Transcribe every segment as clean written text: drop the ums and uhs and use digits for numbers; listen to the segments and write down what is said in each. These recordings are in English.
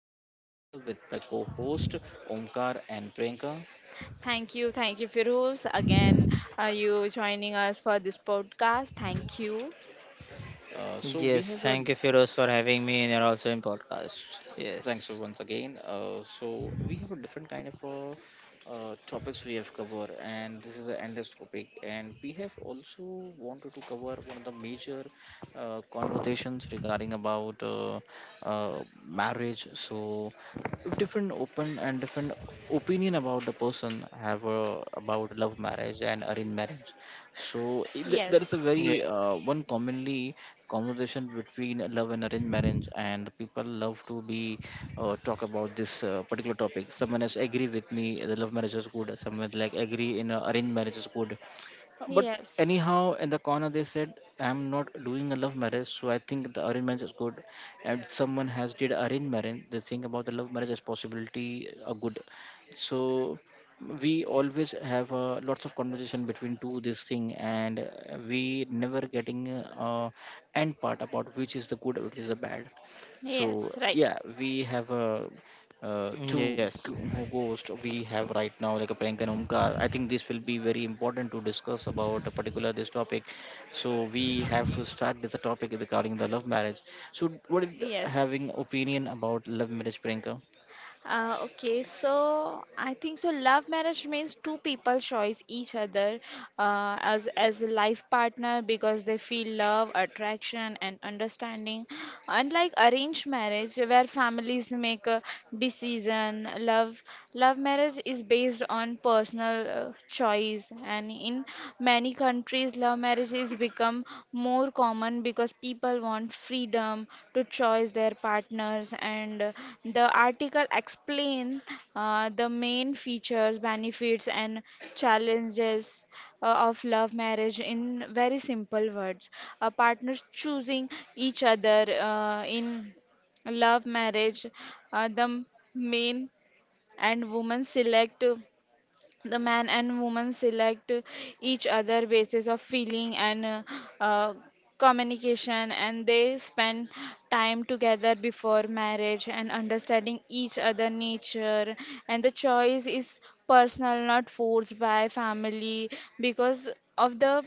podcast with my co-host Omkar and Priyanka. Thank you, Firuz. Again, are you joining us for this podcast? Thank you. So we Yes, have a thank you, Firoz, for having me in your also in podcast. Thanks for Yes. once again. So we have a different kind of topics we have covered, and this is the endless topic. And we have also wanted to cover one of the major conversations regarding about marriage. So if different open and different opinion about the person have about love marriage and arranged marriage. So there is a Yes, Yeah. very one commonly conversation between love and arranged marriage, and people love to be talk about this particular topic. Someone has agree with me the love marriage is good. Someone like agree in arranged marriage is good. But yes, anyhow, in the corner they said, "I'm not doing a love marriage, so I think the arrangement is good." And someone has did arrange marriage. They think about the love marriage as possibility a good. So we always have lots of conversation between two this thing, and we never getting end part about which is the good, which is the bad. So yes, right. yeah, we have a two Yes. Ghosts we have right now, like a prank and Omkar. I think this will be very important to discuss about a particular this topic. So we have to start with the topic regarding the love marriage. So what is Yes. having opinion about love marriage, Priyanka? Okay, so I think so. Love marriage means two people choose each other as a life partner because they feel love, attraction, and understanding. Unlike arranged marriage, where families make a decision, love marriage is based on personal choice, and in marriage many countries, love marriages become more common because people want freedom to choose their partners. And the article explains the main features, benefits, and challenges of love marriage in very simple words. Partners choosing each other in love marriage, uh, the main and women select the man and woman select each other basis of feeling and uh, communication, and they spend time together before marriage and understanding each other nature, and the choice is personal, not forced by family because of the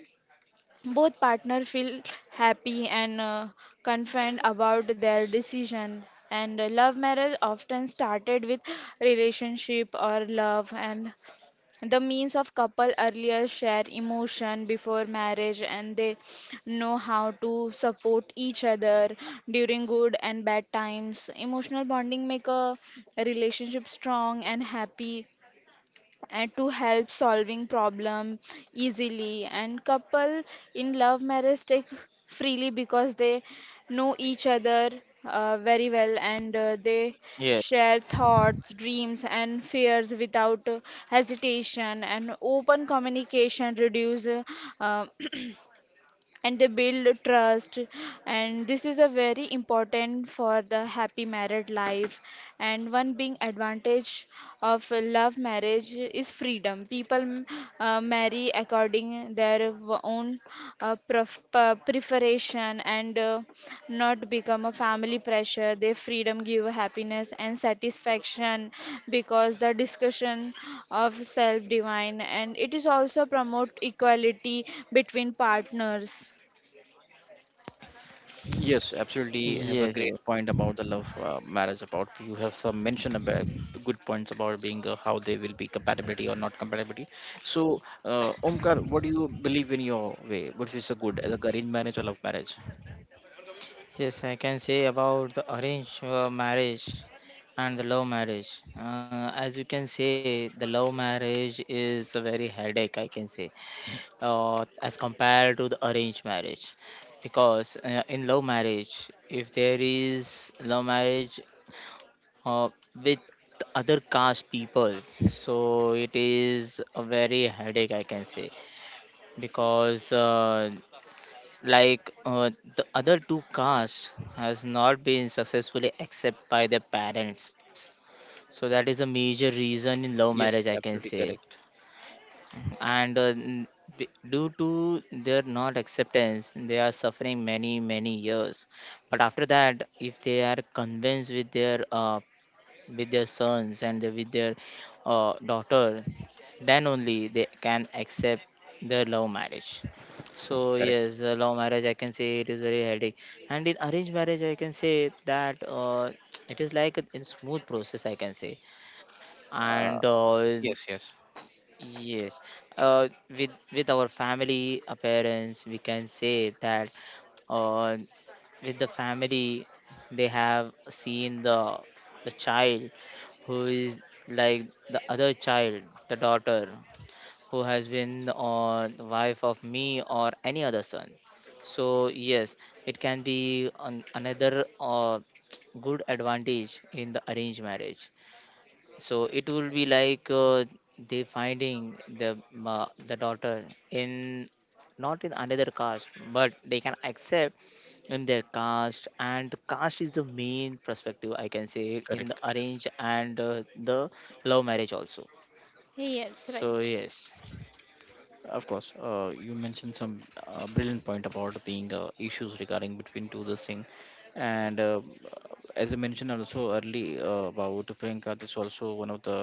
both partner feel happy and confident about their decision, and love marriage often started with relationship or love, and the means of couple earlier share emotion before marriage and they know how to support each other during good and bad times. Emotional bonding make a relationship strong and happy and to help solving problem easily, and couple in love marriage take freely because they know each other very well and they Yes. share thoughts, dreams, and fears without hesitation, and open communication reduce uh, and they build trust, and this is a very important for the happy married life. And one being advantage of love marriage is freedom. People marry according their own preference, preparation, and not become a family pressure. Their freedom give happiness and satisfaction because the discussion of self divine, and it is also promote equality between partners. Yes, absolutely. Have a Yes. Yes. great point about the love marriage. About you have some mention about good points about being how they will be compatibility or not compatibility. So, Omkar, what do you believe in your way? What is a good, like arranged marriage or love marriage? Yes. I can say about the arranged marriage and the love marriage. As you can say, the love marriage is a very headache, I can say, as compared to the arranged marriage, because in love marriage, if there is love marriage, uh, with other caste people. So it is a very headache, I can say, because like the other two castes has not been successfully accepted by their parents. So that is a major reason in love Yes, marriage, I can absolutely say, correct. and. Uh, n- due to their not acceptance they are suffering many many years. But after that, if they are convinced with their sons and with their daughter, then only they can accept their love marriage. So Correct. yes, the love marriage I can say it is very headache, and in arranged marriage I can say that it is like a smooth process, I can say, and Uh, yes, yes, yes, with our family, parents, we can say that uh, with the family, they have seen the child who is like the other child, the daughter who has been on the wife of me or any other son. So yes, it can be another good advantage in the arranged marriage. So it will be like they finding the daughter in not in another caste, but they can accept in their caste, and the caste is the main perspective I can say in the correct. arrange and the love marriage also. Yes, right. So yes, Of course, you mentioned some brilliant point about being issues regarding between two the thing, and as I mentioned also early about Priyanka, this also one of the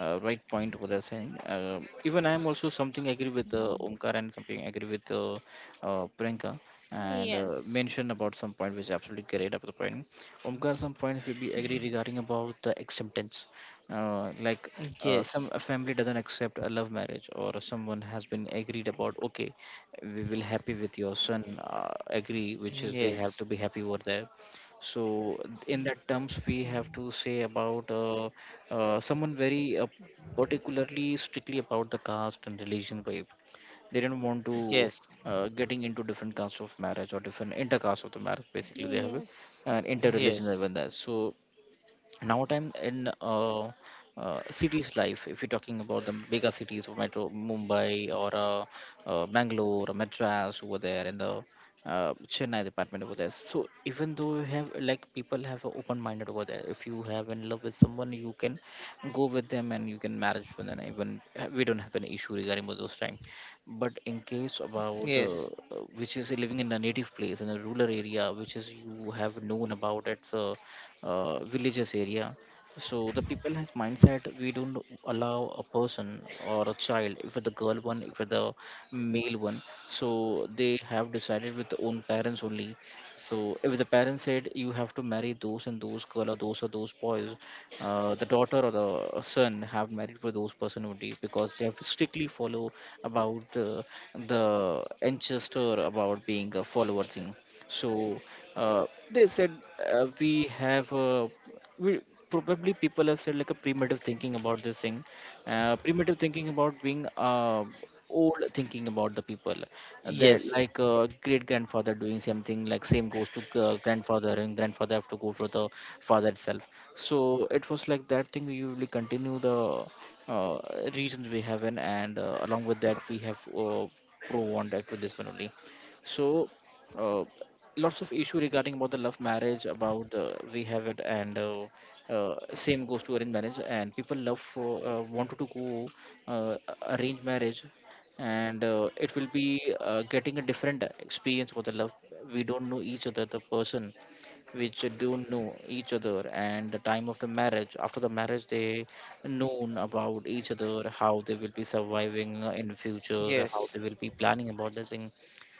right point what they're saying. Even I am also something agree with Omkar and something agree with Priyanka and Yes. mentioned about some point which absolutely correct about the point. Omkar, some point we be agree regarding about the acceptance. Like yes, some a family doesn't accept a love marriage or someone has been agreed about okay we will happy with your son, uh, agree which is they have yes, to be happy over there. So in that terms we have to say about someone very particularly strictly about the caste and religion vibe. They didn't want to yes, getting into different castes of marriage or different intercaste of the marriage. Basically they have a, Yes. an inter yes, even there. So now time in cities life, if you're talking about the bigger cities of metro Mumbai or Bangalore or Madras over there and the Chennai department over there. So even though you have like people have a open minded over there, if you have in love with someone you can go with them and you can marriage with them, even we don't have an issue regarding about those time. But in case about yes, which is living in a native place in a rural area, which is you have known about it. So villages area. So the people has mindset we don't allow a person or a child, if it's the girl one, if it's the male one, so they have decided with their own parents only. So if the parents said you have to marry those and those girl or those boys, the daughter or the son have married for those person only, because they have strictly follow about the ancestor about being a follower thing. So they said we have we probably people have said like a primitive thinking about this thing, primitive thinking about being old thinking about the people, that yes, like great grandfather doing something, like same goes to grandfather and grandfather have to go for the father itself. So it was like that thing we usually continue the uh, reasons we have in, and along with that we have pro one act with this one only. So. Uh, lots of issue regarding about the love marriage about we have it, and same goes to arranged marriage and people love for wanted to go uh, arrange marriage, and it will be getting a different experience for the love. We don't know each other the person which do know each other, and the time of the marriage after the marriage they known about each other how they will be surviving in futures, how yes. they will be planning about the thing.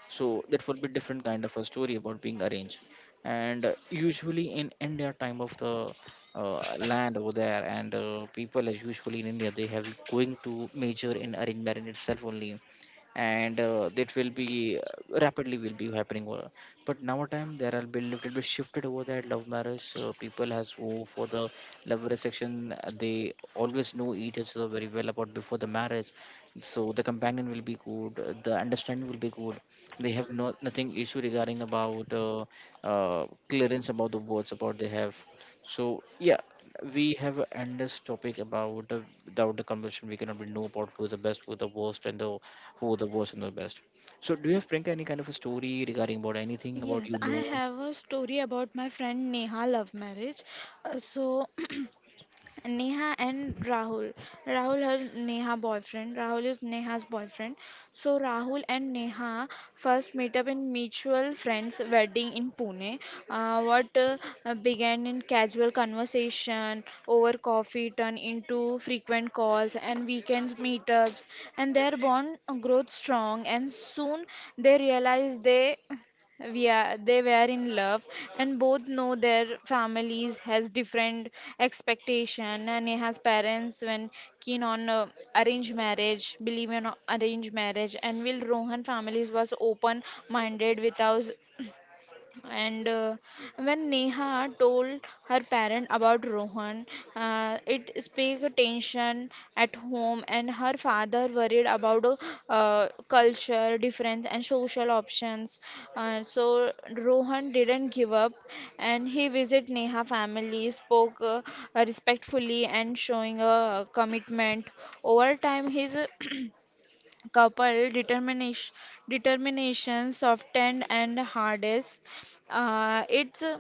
So that would be different kind of a story about being arranged, and usually in India time of the land over there, and people as usually in India they have going to major in arranged marriage itself only, and that will be rapidly will be happening. But now time there will be little bit shifted over that love marriage. People has who for the love marriage section, they always know each other very well about before the marriage. So the companion will be good, the understanding will be good. They have no nothing issue regarding about clearance about the words about they have. So yeah, we have an endless topic about the, without the conversation we cannot be know about who is the best, who the worst, and the who the worst and the best. So do you have Priyanka any kind of a story regarding about anything, about Yes, you I know? have a story about my friend Neha love marriage. So Neha and Rahul. Rahul has Neha boyfriend. Rahul is Neha's boyfriend. So Rahul and Neha first meet up in mutual friends wedding in Pune. What began in casual conversation over coffee turned into frequent calls and weekend meetups, and their bond grows strong. And soon they realize they we are they were in love, and both know their families has different expectation, and Neha's parents when keen on arranged marriage, believe in arranged marriage, and will Rohan families was open minded without, and when Neha told her parent about Rohan, it sparked tension at home, and her father worried about culture difference and social options. So Rohan didn't give up, and he visited Neha family, spoke respectfully, and showing a commitment. Over time, his couple determination softened and hardest. It's a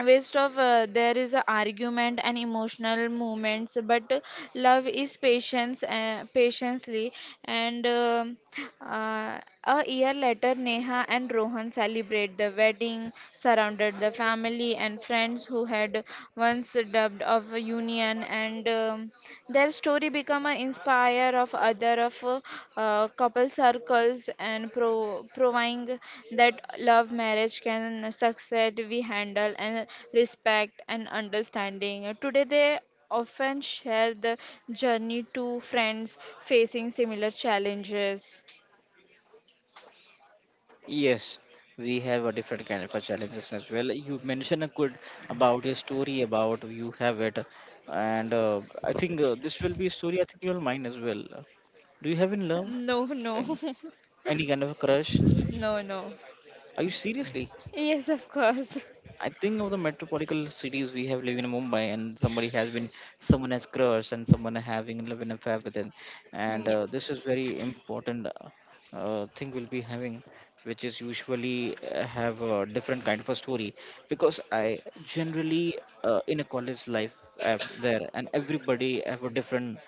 waste of there is a argument and emotional moments, but love is patience, patiently, and uh, a year later, Neha and Rohan celebrate the wedding surrounded the family and friends who had once dubbed of a union, and their story become an inspire of other of couple circles and proving that love marriage can succeed we handle and respect and understanding. Today they often share the journey to friends facing similar challenges. Yes, we have a different kind of a challenges as well. You mentioned a good about your story about you have it, and I think this will be a story I think you'll mind as well. Do you have in love No, no, Peng? Any kind of a crush? no, no. Are you seriously? Yes, of course. I think of the metropolitan cities we have live in Mumbai, and somebody has been someone has crush, and someone having love and affair with it, and Yeah. This is very important thing we'll be having, which is usually have a different kind of a story because I generally in a college life I there, and everybody have a different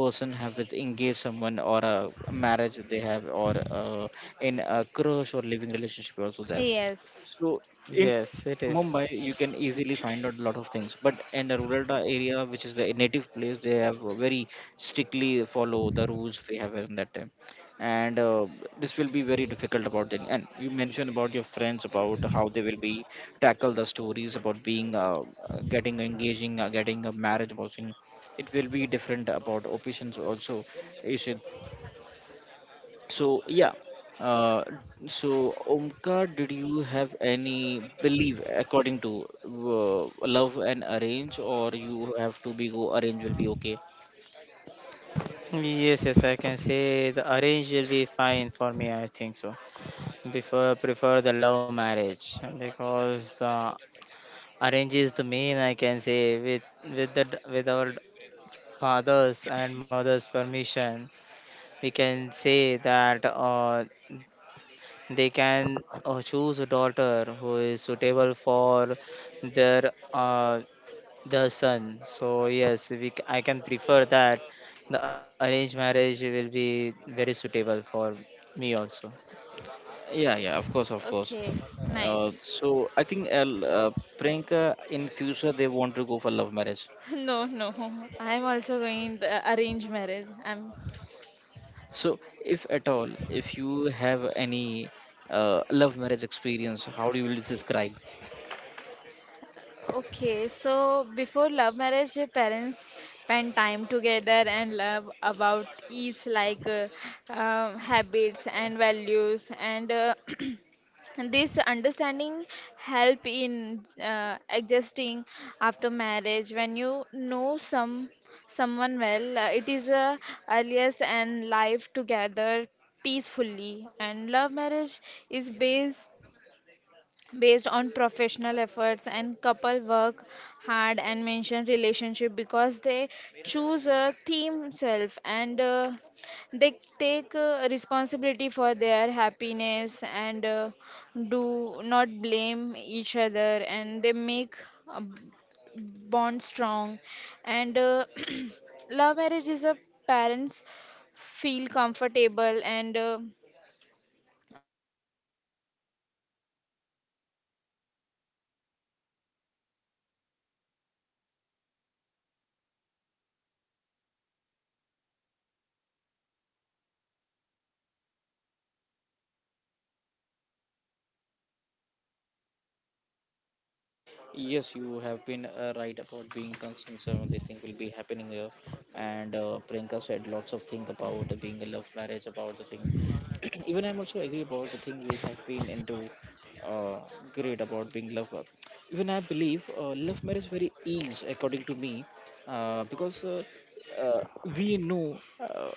person have with engage someone or a marriage they have or in a crush or living relationship also there. Yes. So in Yes, it is. Mumbai, you can easily find out a lot of things. But in the rural area, which is the native place, they have a very strictly follow the rules we have in that time, and this will be very difficult about it. And you mentioned about your friends about how they will be tackle the stories about being getting engaging, getting a marriage, about it will be different about options also. You should so yeah, uh, so Omkar, did you have any belief according to love and arrange, or you have to be go arrange will be okay? Yes, yes, I can say the arrange will be fine for me, I think so. Prefer the love marriage because arrange is the main, I can say, with the with our fathers and mothers permission, we can say that they can choose a daughter who is suitable for their uh, the son. So yes, we I can prefer that the arranged marriage will be very suitable for me also. Yeah, yeah, of course, of course. Okay. Uh, Nice. so I think Priyanka in future they want to go for love marriage. No, no. I'm also going the arranged marriage. I'm So if at all, if you have any love marriage experience, how do you will describe? okay, so before love marriage, your parents spend time together and love about each like habits and values, and this understanding help in adjusting after marriage. When you know some someone well, it is earliest and life together peacefully, and love marriage is based on professional efforts, and couple work hard and mention relationship because they choose a theme self, and they take responsibility for their happiness, and do not blame each other, and they make a Yes, you have been right about being concerned. So the thing will be happening here, and Priyanka said lots of things about being a love marriage, about the thing. Even I'm also agree about the thing we have been into. Uh, great about being love, even I believe love marriage very ease according to me, because uh, we know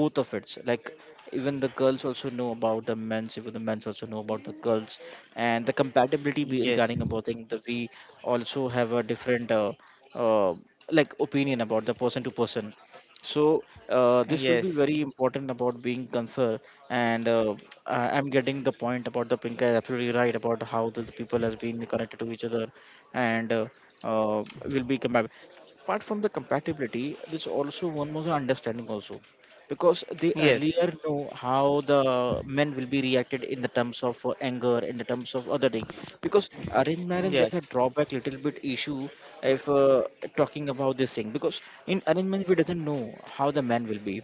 both of it, like even the girls also know about the men's, even the men's also know about the girls, and the compatibility be Yes, regarding about thing that we also have a different uh, like opinion about the person to person. So this will be yes, very important about being concerned, and I'm getting the point about the pink is absolutely right about how the people has been connected to each other, and will be compatible. Apart from the compatibility there's also one more understanding also, because they yes. earlier know how the men will be reacted in the terms of anger in the terms of other thing, because arranged marriage there's a Yes. drawback little bit issue if talking about this thing, because in arrangement we doesn't know how the man will be,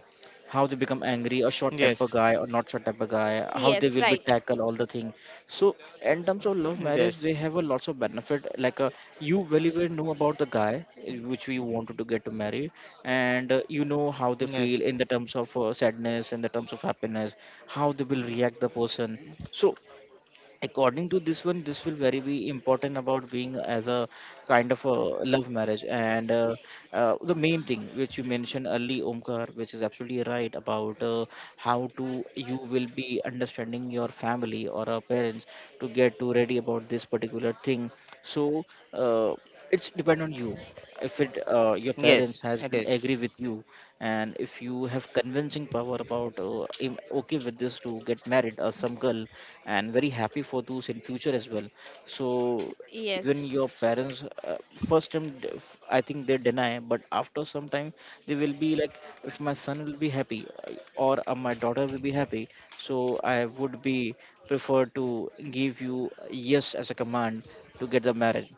how they become angry, a short Yes. temper guy or not short temper guy, how they will be. Right. tackle all the thing. So in terms of love Yes. marriage they have a lots of benefit, like you very well know about the guy which you wanted to get to marry, and you know how they Yes. feel in the terms of sadness, in the terms of happiness, how they will react the person. So according to this one, this will very be important about being as a kind of a love marriage, and the main thing which you mentioned early, Omkar, which is absolutely right about how to you will be understanding your family or our parents to get to ready about this particular thing. So uh, it's depend on you. If it your parents Yes. has It been is. agree with you, and if you have convincing power about okay with this to get married or some girl, and very happy for those in future as well. So even your parents first time I think they deny, but after some time they will be like, if my son will be happy or my daughter will be happy, so I would be prefer to give you yes as a command to get the marriage.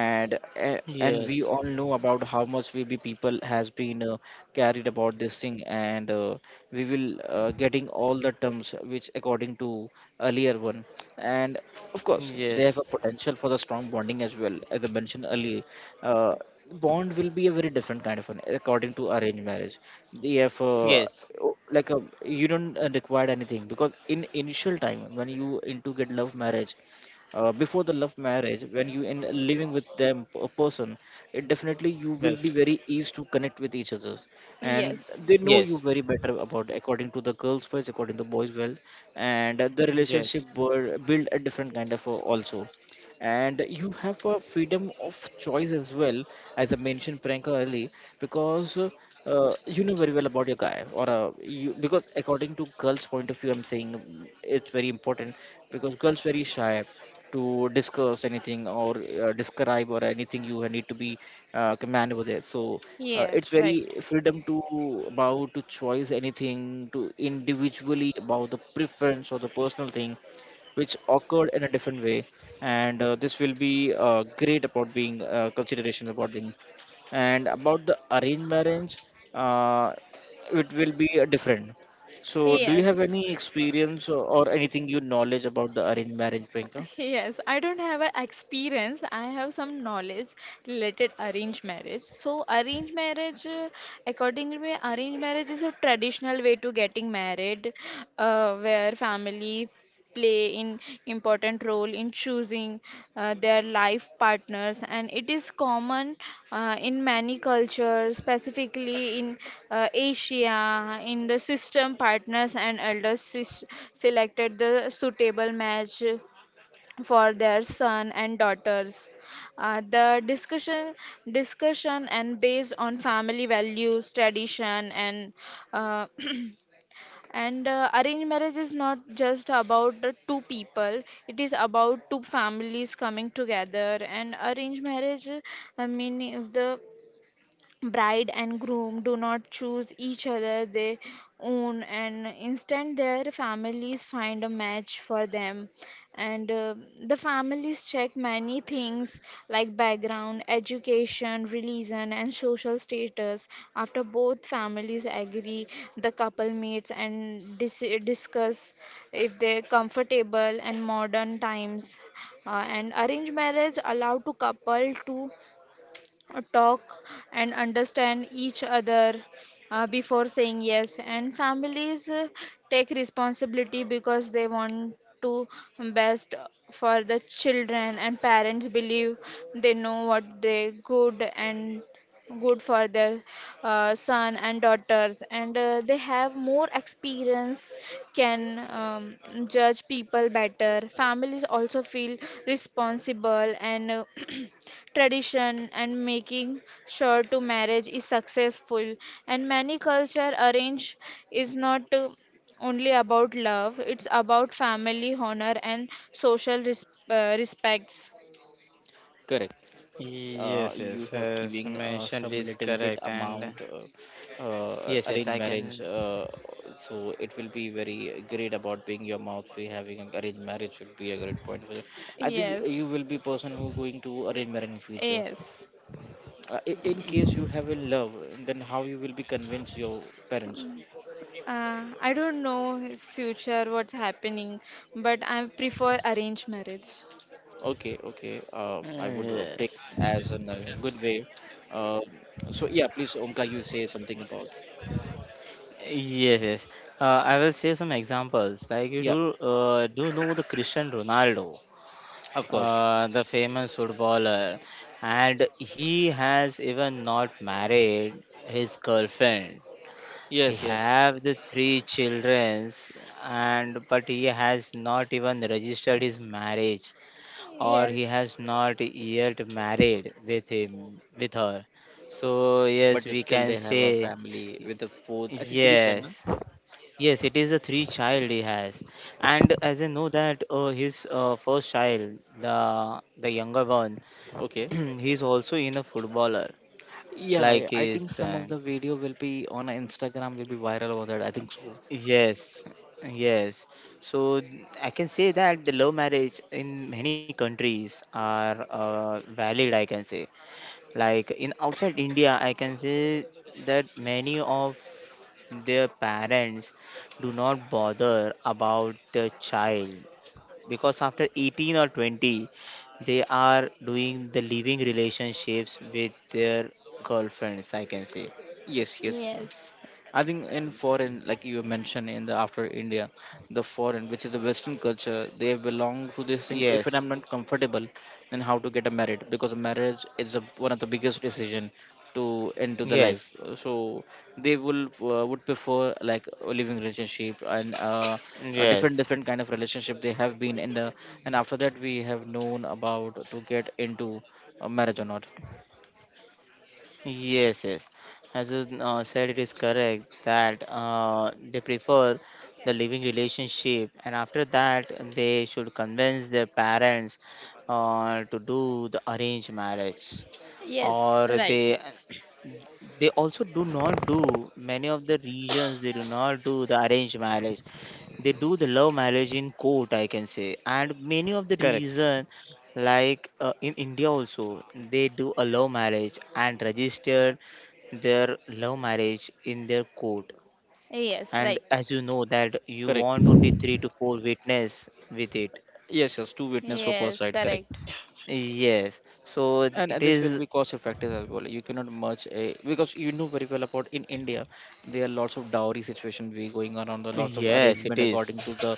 And we Yes. all know about how much we be people has been carried about this thing. And we will getting all the terms which according to earlier one. And of course they have Yes. a potential for the strong bonding as well, as I mentioned earlier. uh, Bond will be a very different kind of one. According to arranged marriage, they have Yes. Yes. Like a, you don't require anything, because in initial time, when you into get love marriage, before the love marriage, when you in living with them a person, it definitely you will be Yes. very easy to connect with each other. And they know you very better about according to the girls first, according to the boys well. And the Yes. relationship Yes. were build a different kind of also. And you have a freedom of choice as well, as I mentioned prank early. Because you know very well about your guy or you, because according to girls point of view I'm saying, it's very important, because girls very shy to discuss anything or describe or anything. You need to be command over there. So it's very freedom to about to choice anything to individually about the preference or the personal thing, which occurred in a different way. And this will be great about being consideration about thing. And about the arranged marriage, uh, it will be different. So do you yes. have any experience or anything you knowledge about the arranged marriage, Priyanka? Yes, I don't have an experience. I have some knowledge related arranged marriage. So arranged marriage, accordingly, arranged marriage is a traditional way to getting married, where family play in important role in choosing their life partners, and it is common in many cultures, specifically in Asia. In the system partners and elders selected the suitable match for their son and daughters. The discussion, and based on family values, tradition, and uh, and arranged marriage is not just about the two people. It is about two families coming together. And arranged marriage, meaning the bride and groom do not choose each other they own, and instead their families find a match for them, and the families check many things like background, education, religion, and social status. After both families agree, the couple meets and discuss if they're comfortable, and modern times uh, and arranged marriage allow to couple to talk and understand each other before saying yes, and families take responsibility because they want to best for the children, and parents believe they know what they good and good for their son and daughters, and they have more experience can um, judge people better. Families also feel responsible, and tradition and making sure to marriage is successful, and many culture arrange is not only about love. It's about family honor and social respects. Correct. Yes. You have As you giving mentioned, it some is little bit correct. And amount yes. Yes. arranged I marriage, can. So it will be very great about being your mouth. We having an arranged marriage will be a great point for you. I think Yes. you will be person who going to arrange marriage in future. Yes. In case you have in love, then how you will be convince your parents? I don't know his future what's happening, but I prefer arranged marriage. Okay, okay. I would take Yes. as a good way. Uh, so yeah, please, Omka, you say something about. Yes. Yes. I will say some examples. Like you Yeah, do. Do know the Christian Ronaldo, of course. The famous footballer, and he has even not married his girlfriend. Yes, He yes. have the three childrens and but he has not even registered his marriage, or he Yes. has not yet married with her. So But yes, just we still, can they have say a family with a fourth, I think three channel. yes. Yes, it is a three child he has, and as I know that his first child, the younger one, Okay. he's also in a footballer Yeah, yeah. like I his think some of son. the video will be on Instagram will be viral over that, I think so. Yes, yes. So I can say that the love marriage in many countries are valid, I can say, like in outside India, I can say that many of their parents do not bother about the child, because after 18 or 20 they are doing the living relationships with their girlfriends, I can say. Yes, yes. Yes. I think in foreign, like you mentioned, in the after India, the foreign, which is the Western culture, they belong to this thing. If Yes, I'm not comfortable, then how to get a married? Because marriage is a one of the biggest decision to into the life. yes, So they will would prefer like a living relationship and a different different yes. kind of relationship they have been in the. And after that we have known about to get into a marriage or not. Yes, yes. As you said, it is correct that they prefer the living relationship, and after that, they should convince their parents to do the arranged marriage, Yes, or right. they also do not do many of the regions. They do not do the arranged marriage. They do the love marriage in court, I can say, and many of the Correct, reason, like in India also, they do a love marriage and register their love marriage in their court. Yes, And right. as you know that you correct. want only three to four witness with it. Yes, yes. Two witness for per Yes, side. Correct. correct. Yes. So and it and this will is. be cost effective as well. You cannot merge a because you know very well about in India there are lots of dowry situation we going on the lots of Yes, it arrangement is. according to the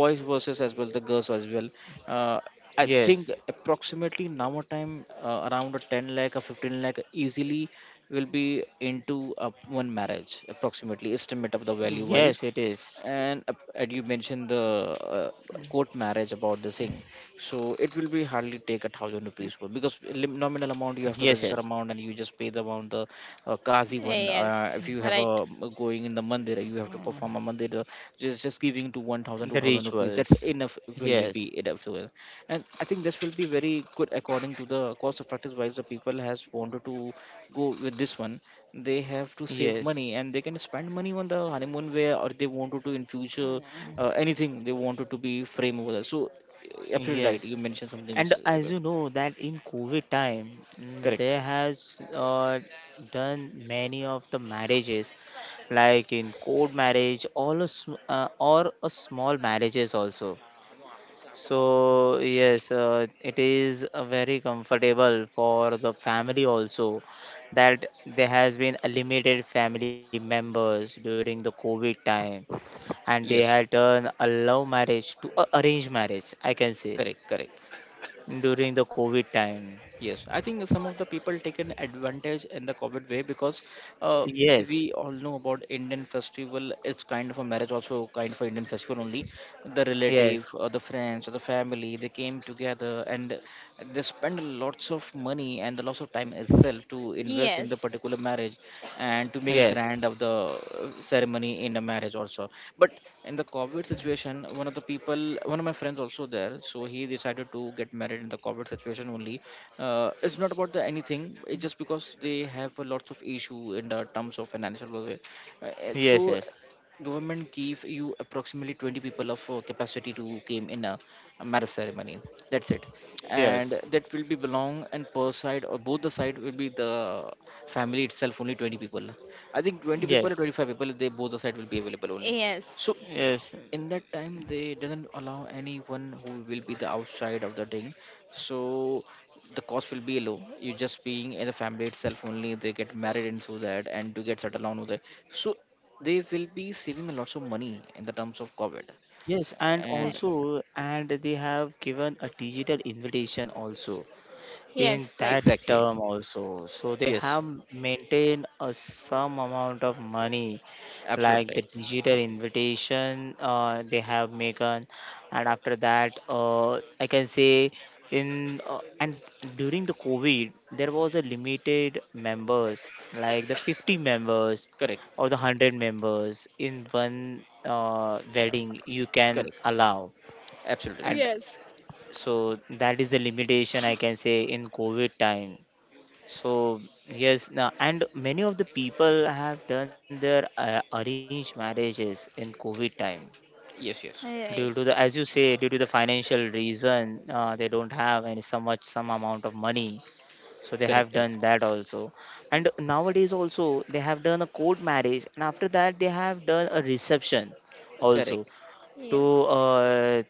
boys versus as well the girls as well. uh, I think Yes. approximately now a time around a 10 lakh or 15 lakh easily will be into one marriage approximately estimate of the value wise. Yes, it is. And, and you mentioned the court marriage about the thing, so it will be hardly take a thousand rupees for- because lim- nominal amount you have to Yes, register yes. amount, and you just pay the amount the kazi one. Yes, If you have right. a going in the mandir, you have to perform a mandir, just giving to 1,000, two The thousand rupees. That's rituals. enough, will be Yes. enough to it. And I think this will be very good according to the cost of practice wise. The people has wanted to go with this one. They have to save Yes. money and they can spend money on the honeymoon where, or they wanted to in future. Anything they wanted to be frame over there. So absolutely right, Yes. you mentioned something And which is as you know that in COVID time, correct. there has done many of the marriages, like in court marriage, all or a small marriages also. So yes, it is very comfortable for the family also, that there has been a limited family members during the COVID time, and they had Yes, done a love marriage to a arranged marriage, I can say, correct, correct. during the COVID time. Yes, I think some of the people taken advantage in the COVID way, because uh, Yes, we all know about Indian festival. It's kind of a marriage, also kind of an Indian festival only. The relative, yes, or the friends, or the family, they came together and they spend lots of money and the lots of time itself to invest in the Yes. particular marriage, and to make a yes, grand of the ceremony in a marriage also. But in the COVID situation, one of the people, one of my friends also there, so he decided to get married in the COVID situation only. It's not about the anything, it's just because they have a lots of issue in the terms of financial loss. Yes, So yes, government give you approximately 20 people of capacity to came in a marriage ceremony. That's it. And yes, that will be belong and per side or both the side will be the family itself only. 20 people, I think 20 people or yes, 25 people, they both the side will be available only. Yes. So So yes, in that time they didn't allow anyone who will be the outside of the ring. So the cost will be low. You just being in the family itself only, they get married into that and to get settled down with it. So they will be saving lots of money in the terms of COVID. yes, and And hey, also, and they have given a digital invitation also in yes, right. that exactly, term also. So they yes, have maintained a some amount of money, absolutely like the right. digital invitation they have Megan, and after that, I can say in and during the COVID there was a limited members like the 50 members Correct, or the 100 members in one wedding you can correct, allow. absolutely right. And Yes. so that is the limitation I can say in COVID time. So yes, now and many of the people have done their arranged marriages in COVID time, Yes, yes. due to the, as you Yes. say, due to the financial reason, they don't have any so much some amount of money, so they Correct, have done correct, that also. And nowadays also they have done a court marriage, and after that they have done a reception also correct, to Yes. uh,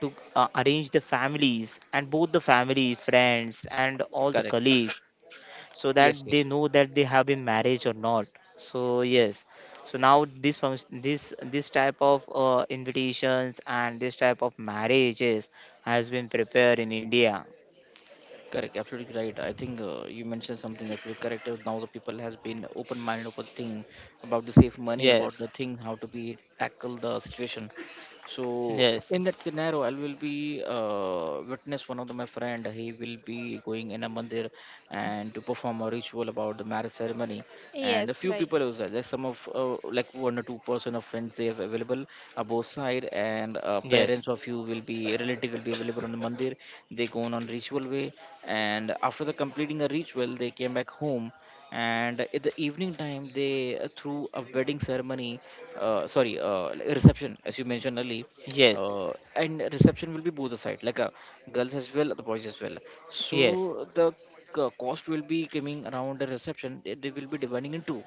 to arrange the families and both the family, friends, and all the correct. colleagues so that they Yes, know yes. that they have been married or not. So, yes. So now this function, this type of invitations and this type of marriages has been prepared in India. Correct, absolutely right. I think you mentioned something absolutely correct. Now the people has been open mind, open thing about the safe money, about Yes, the thing how to be tackle the situation. So yes, in that scenario, I will be witness one of the, my friend. He will be going in a mandir and to perform a ritual about the marriage ceremony. And a Yes, few right. people was there. There's some of like one or two person of friends they have available on both side, and yes, parents of you will be relative will be available on the mandir. They go on ritual way, and after the completing a ritual they came back home. And in the evening time they through a wedding ceremony, sorry, like reception as you mentioned earlier. yes, uh, and reception will be both the side, like a girls as well the boys as well. yes, So the cost will be coming around the reception. They will be dividing in two,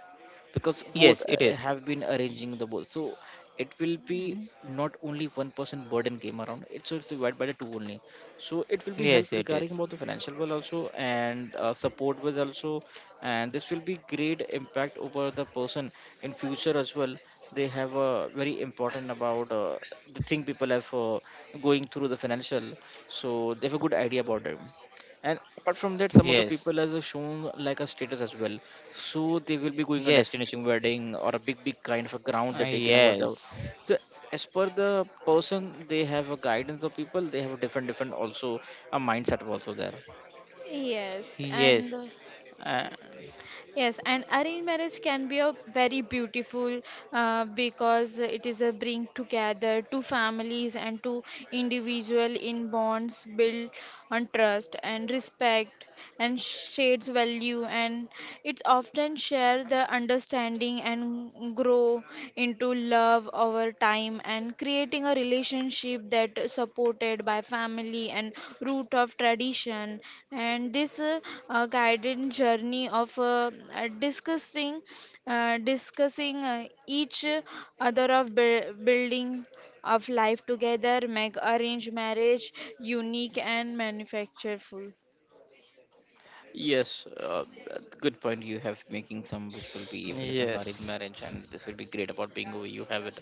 because both yes, it is. have been arranging the ball. So it will be not only one person burden came around, it's also divided by the two only. So it will be help Yes, it regarding is. about the financial well also, and support was also. And this will be great impact over the person in future as well. They have a very important about the thing. People have going through the financial, so they have a good idea about it. And apart from that, some of the Yes, people has shown like a status as well. So they will be going a yes, destination wedding or a big big kind of a ground they're taking over the. yes, So as per the person they have a guidance of people, they have a different different also, a mindset also there. Yes, and yes, uh, uh, Yes, and arranged marriage can be a very beautiful because it is a bring together two families and two individual in bonds built on trust and respect and shares value, and it's often share the understanding and grow into love over time and creating a relationship that is supported by family and root of tradition, and this guided journey of uh, discussing discussing each other of building of life together make arranged marriage unique and manufactureful. Yes, good point. You have making some which will be Philippine arranged yes, marriage, and this will be great about being over. You have it.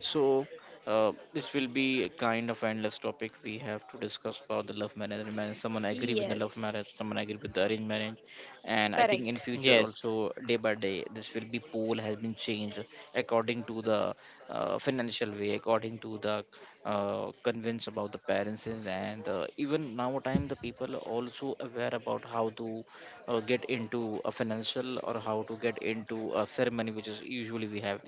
So, this will be a kind of endless topic. We have to discuss about the love marriage, arranged marriage. Someone agree with the love Yes. marriage, someone agree with the arranged marriage, and I think in Correct. future yes, also day by day this will be poll has been changed according to the financial way, according to the convinced about the parents is. And even now time the people also aware about how to get into a financial or how to get into a ceremony which is usually we have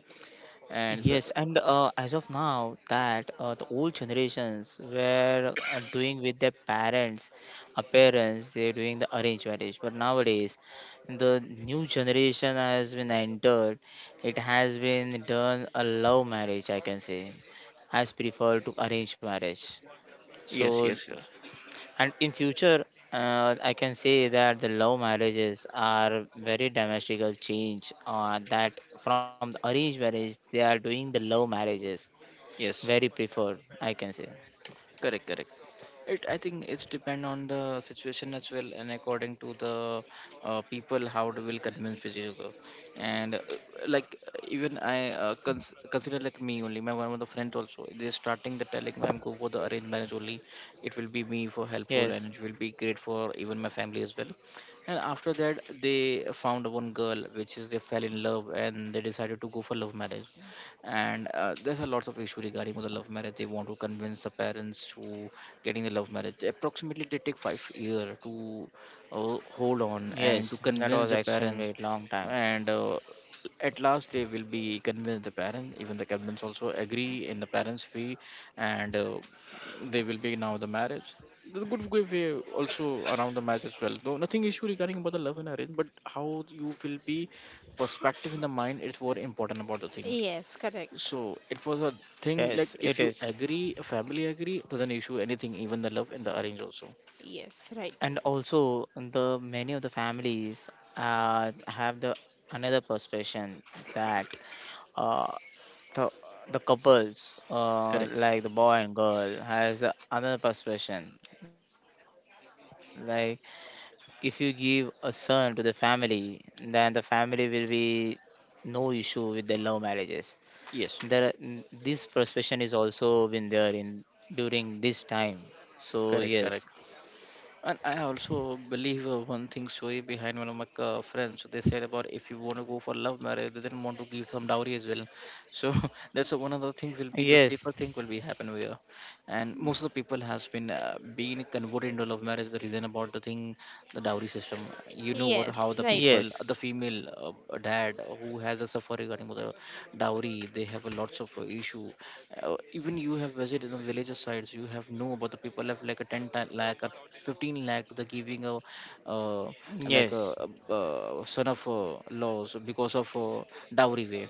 and the, yes, and as of now, that the old generations were doing with their parents, they're doing the arranged marriage. But nowadays, the new generation has been entered. It has been done a love marriage, I can say, has preferred to arrange marriage. yes So, yes yes and in future I can say that the love marriages are very domestical change, that from the arranged marriage they are doing the love marriages, yes. very preferred I can say. Correct, correct. It, I think it's depend on the situation as well, and according to the people, how they will convince each other. And Like even I consider like me only, my one of the friends also. They starting the telling I'm go for the arranged marriage only. It will be me for helpful, and Yes, it will be great for even my family as well. And after that, they found one girl which is they fell in love, and they decided to go for love marriage, and there's a lots of issue regarding with the love marriage. They want to convince the parents to getting the love marriage. Approximately they take 5 year to hold on and to yes, that convince was the parents, extremely long time. and at last they will be convinced the parents, even the parents also agree in the parents fee, and they will be now the marriage, the good good way also around the marriage as well, though nothing issue regarding about the love and arrange, but how you will be perspective in the mind is more important about the thing. Yes, correct. So it was a thing Yes, like, it if you is. agree, a family agree, doesn't issue anything, even the love and the arrange also. Yes, right. And also the many of the families have the another perception, that uh, the, the couples Correct. like the boy and girl has another perception, like if you give a son to the family then the family will be no issue with their love marriages. Yes. This perception is also been there in during this time, so yes, Correct. Correct. And I also believe one thing story behind one of my friends. So they said about, if you want to go for love marriage, they didn't want to give some dowry as well. So that's one of the thing will be, the yes, safer thing will be happen here. And most of the people has been being converted into love marriage. The reason about the thing, the dowry system. You know what? How Yes, the right. people, yes, the female dad who has a suffer regarding with the dowry, they have a lots of issue. Even you have visited the villager sites, you have know about the people have like a lakh a 15 lakh to the giving a uh, like yes, a son of laws, because of dowry way.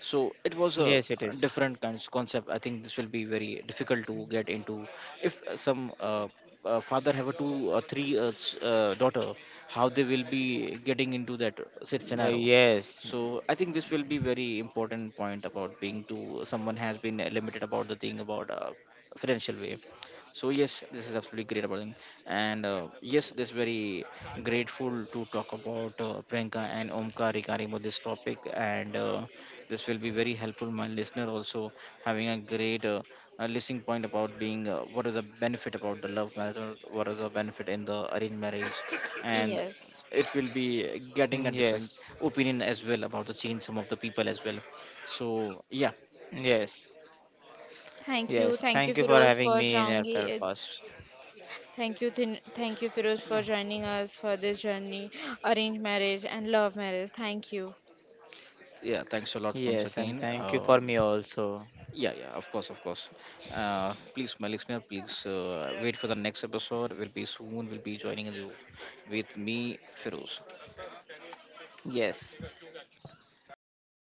So it was a yes, it is. different kinds concept. I think this will be very difficult to get into if some uh, father have a two or three daughter, how they will be getting into that scenario. Yes, So I think this will be very important point about being to someone has been limited about the thing about financial way. So yes, this is absolutely great about thing. And yes, this very grateful to talk about Priyanka and Omkar regarding about this topic, and this will be very helpful my listener also, having a great listening point about being, what is the benefit about the love marriage or what is the benefit in the arranged marriage, and Yes. it will be getting a different yes, opinion as well about the change some of the people as well. So yeah. yes, yes, Thank you. thank you Thank you, for Firoz, having me for in your joining. Eh, podcast. Thank you, thin thank you, Firoz, for joining us for this journey, arranged marriage and love marriage. Thank you. Yeah, thanks a lot once Yes, and again. thank you for me also. Yeah, of course, of course. Please my listener, please wait for the next episode will be soon will be joining you with me, Feroz. Yes.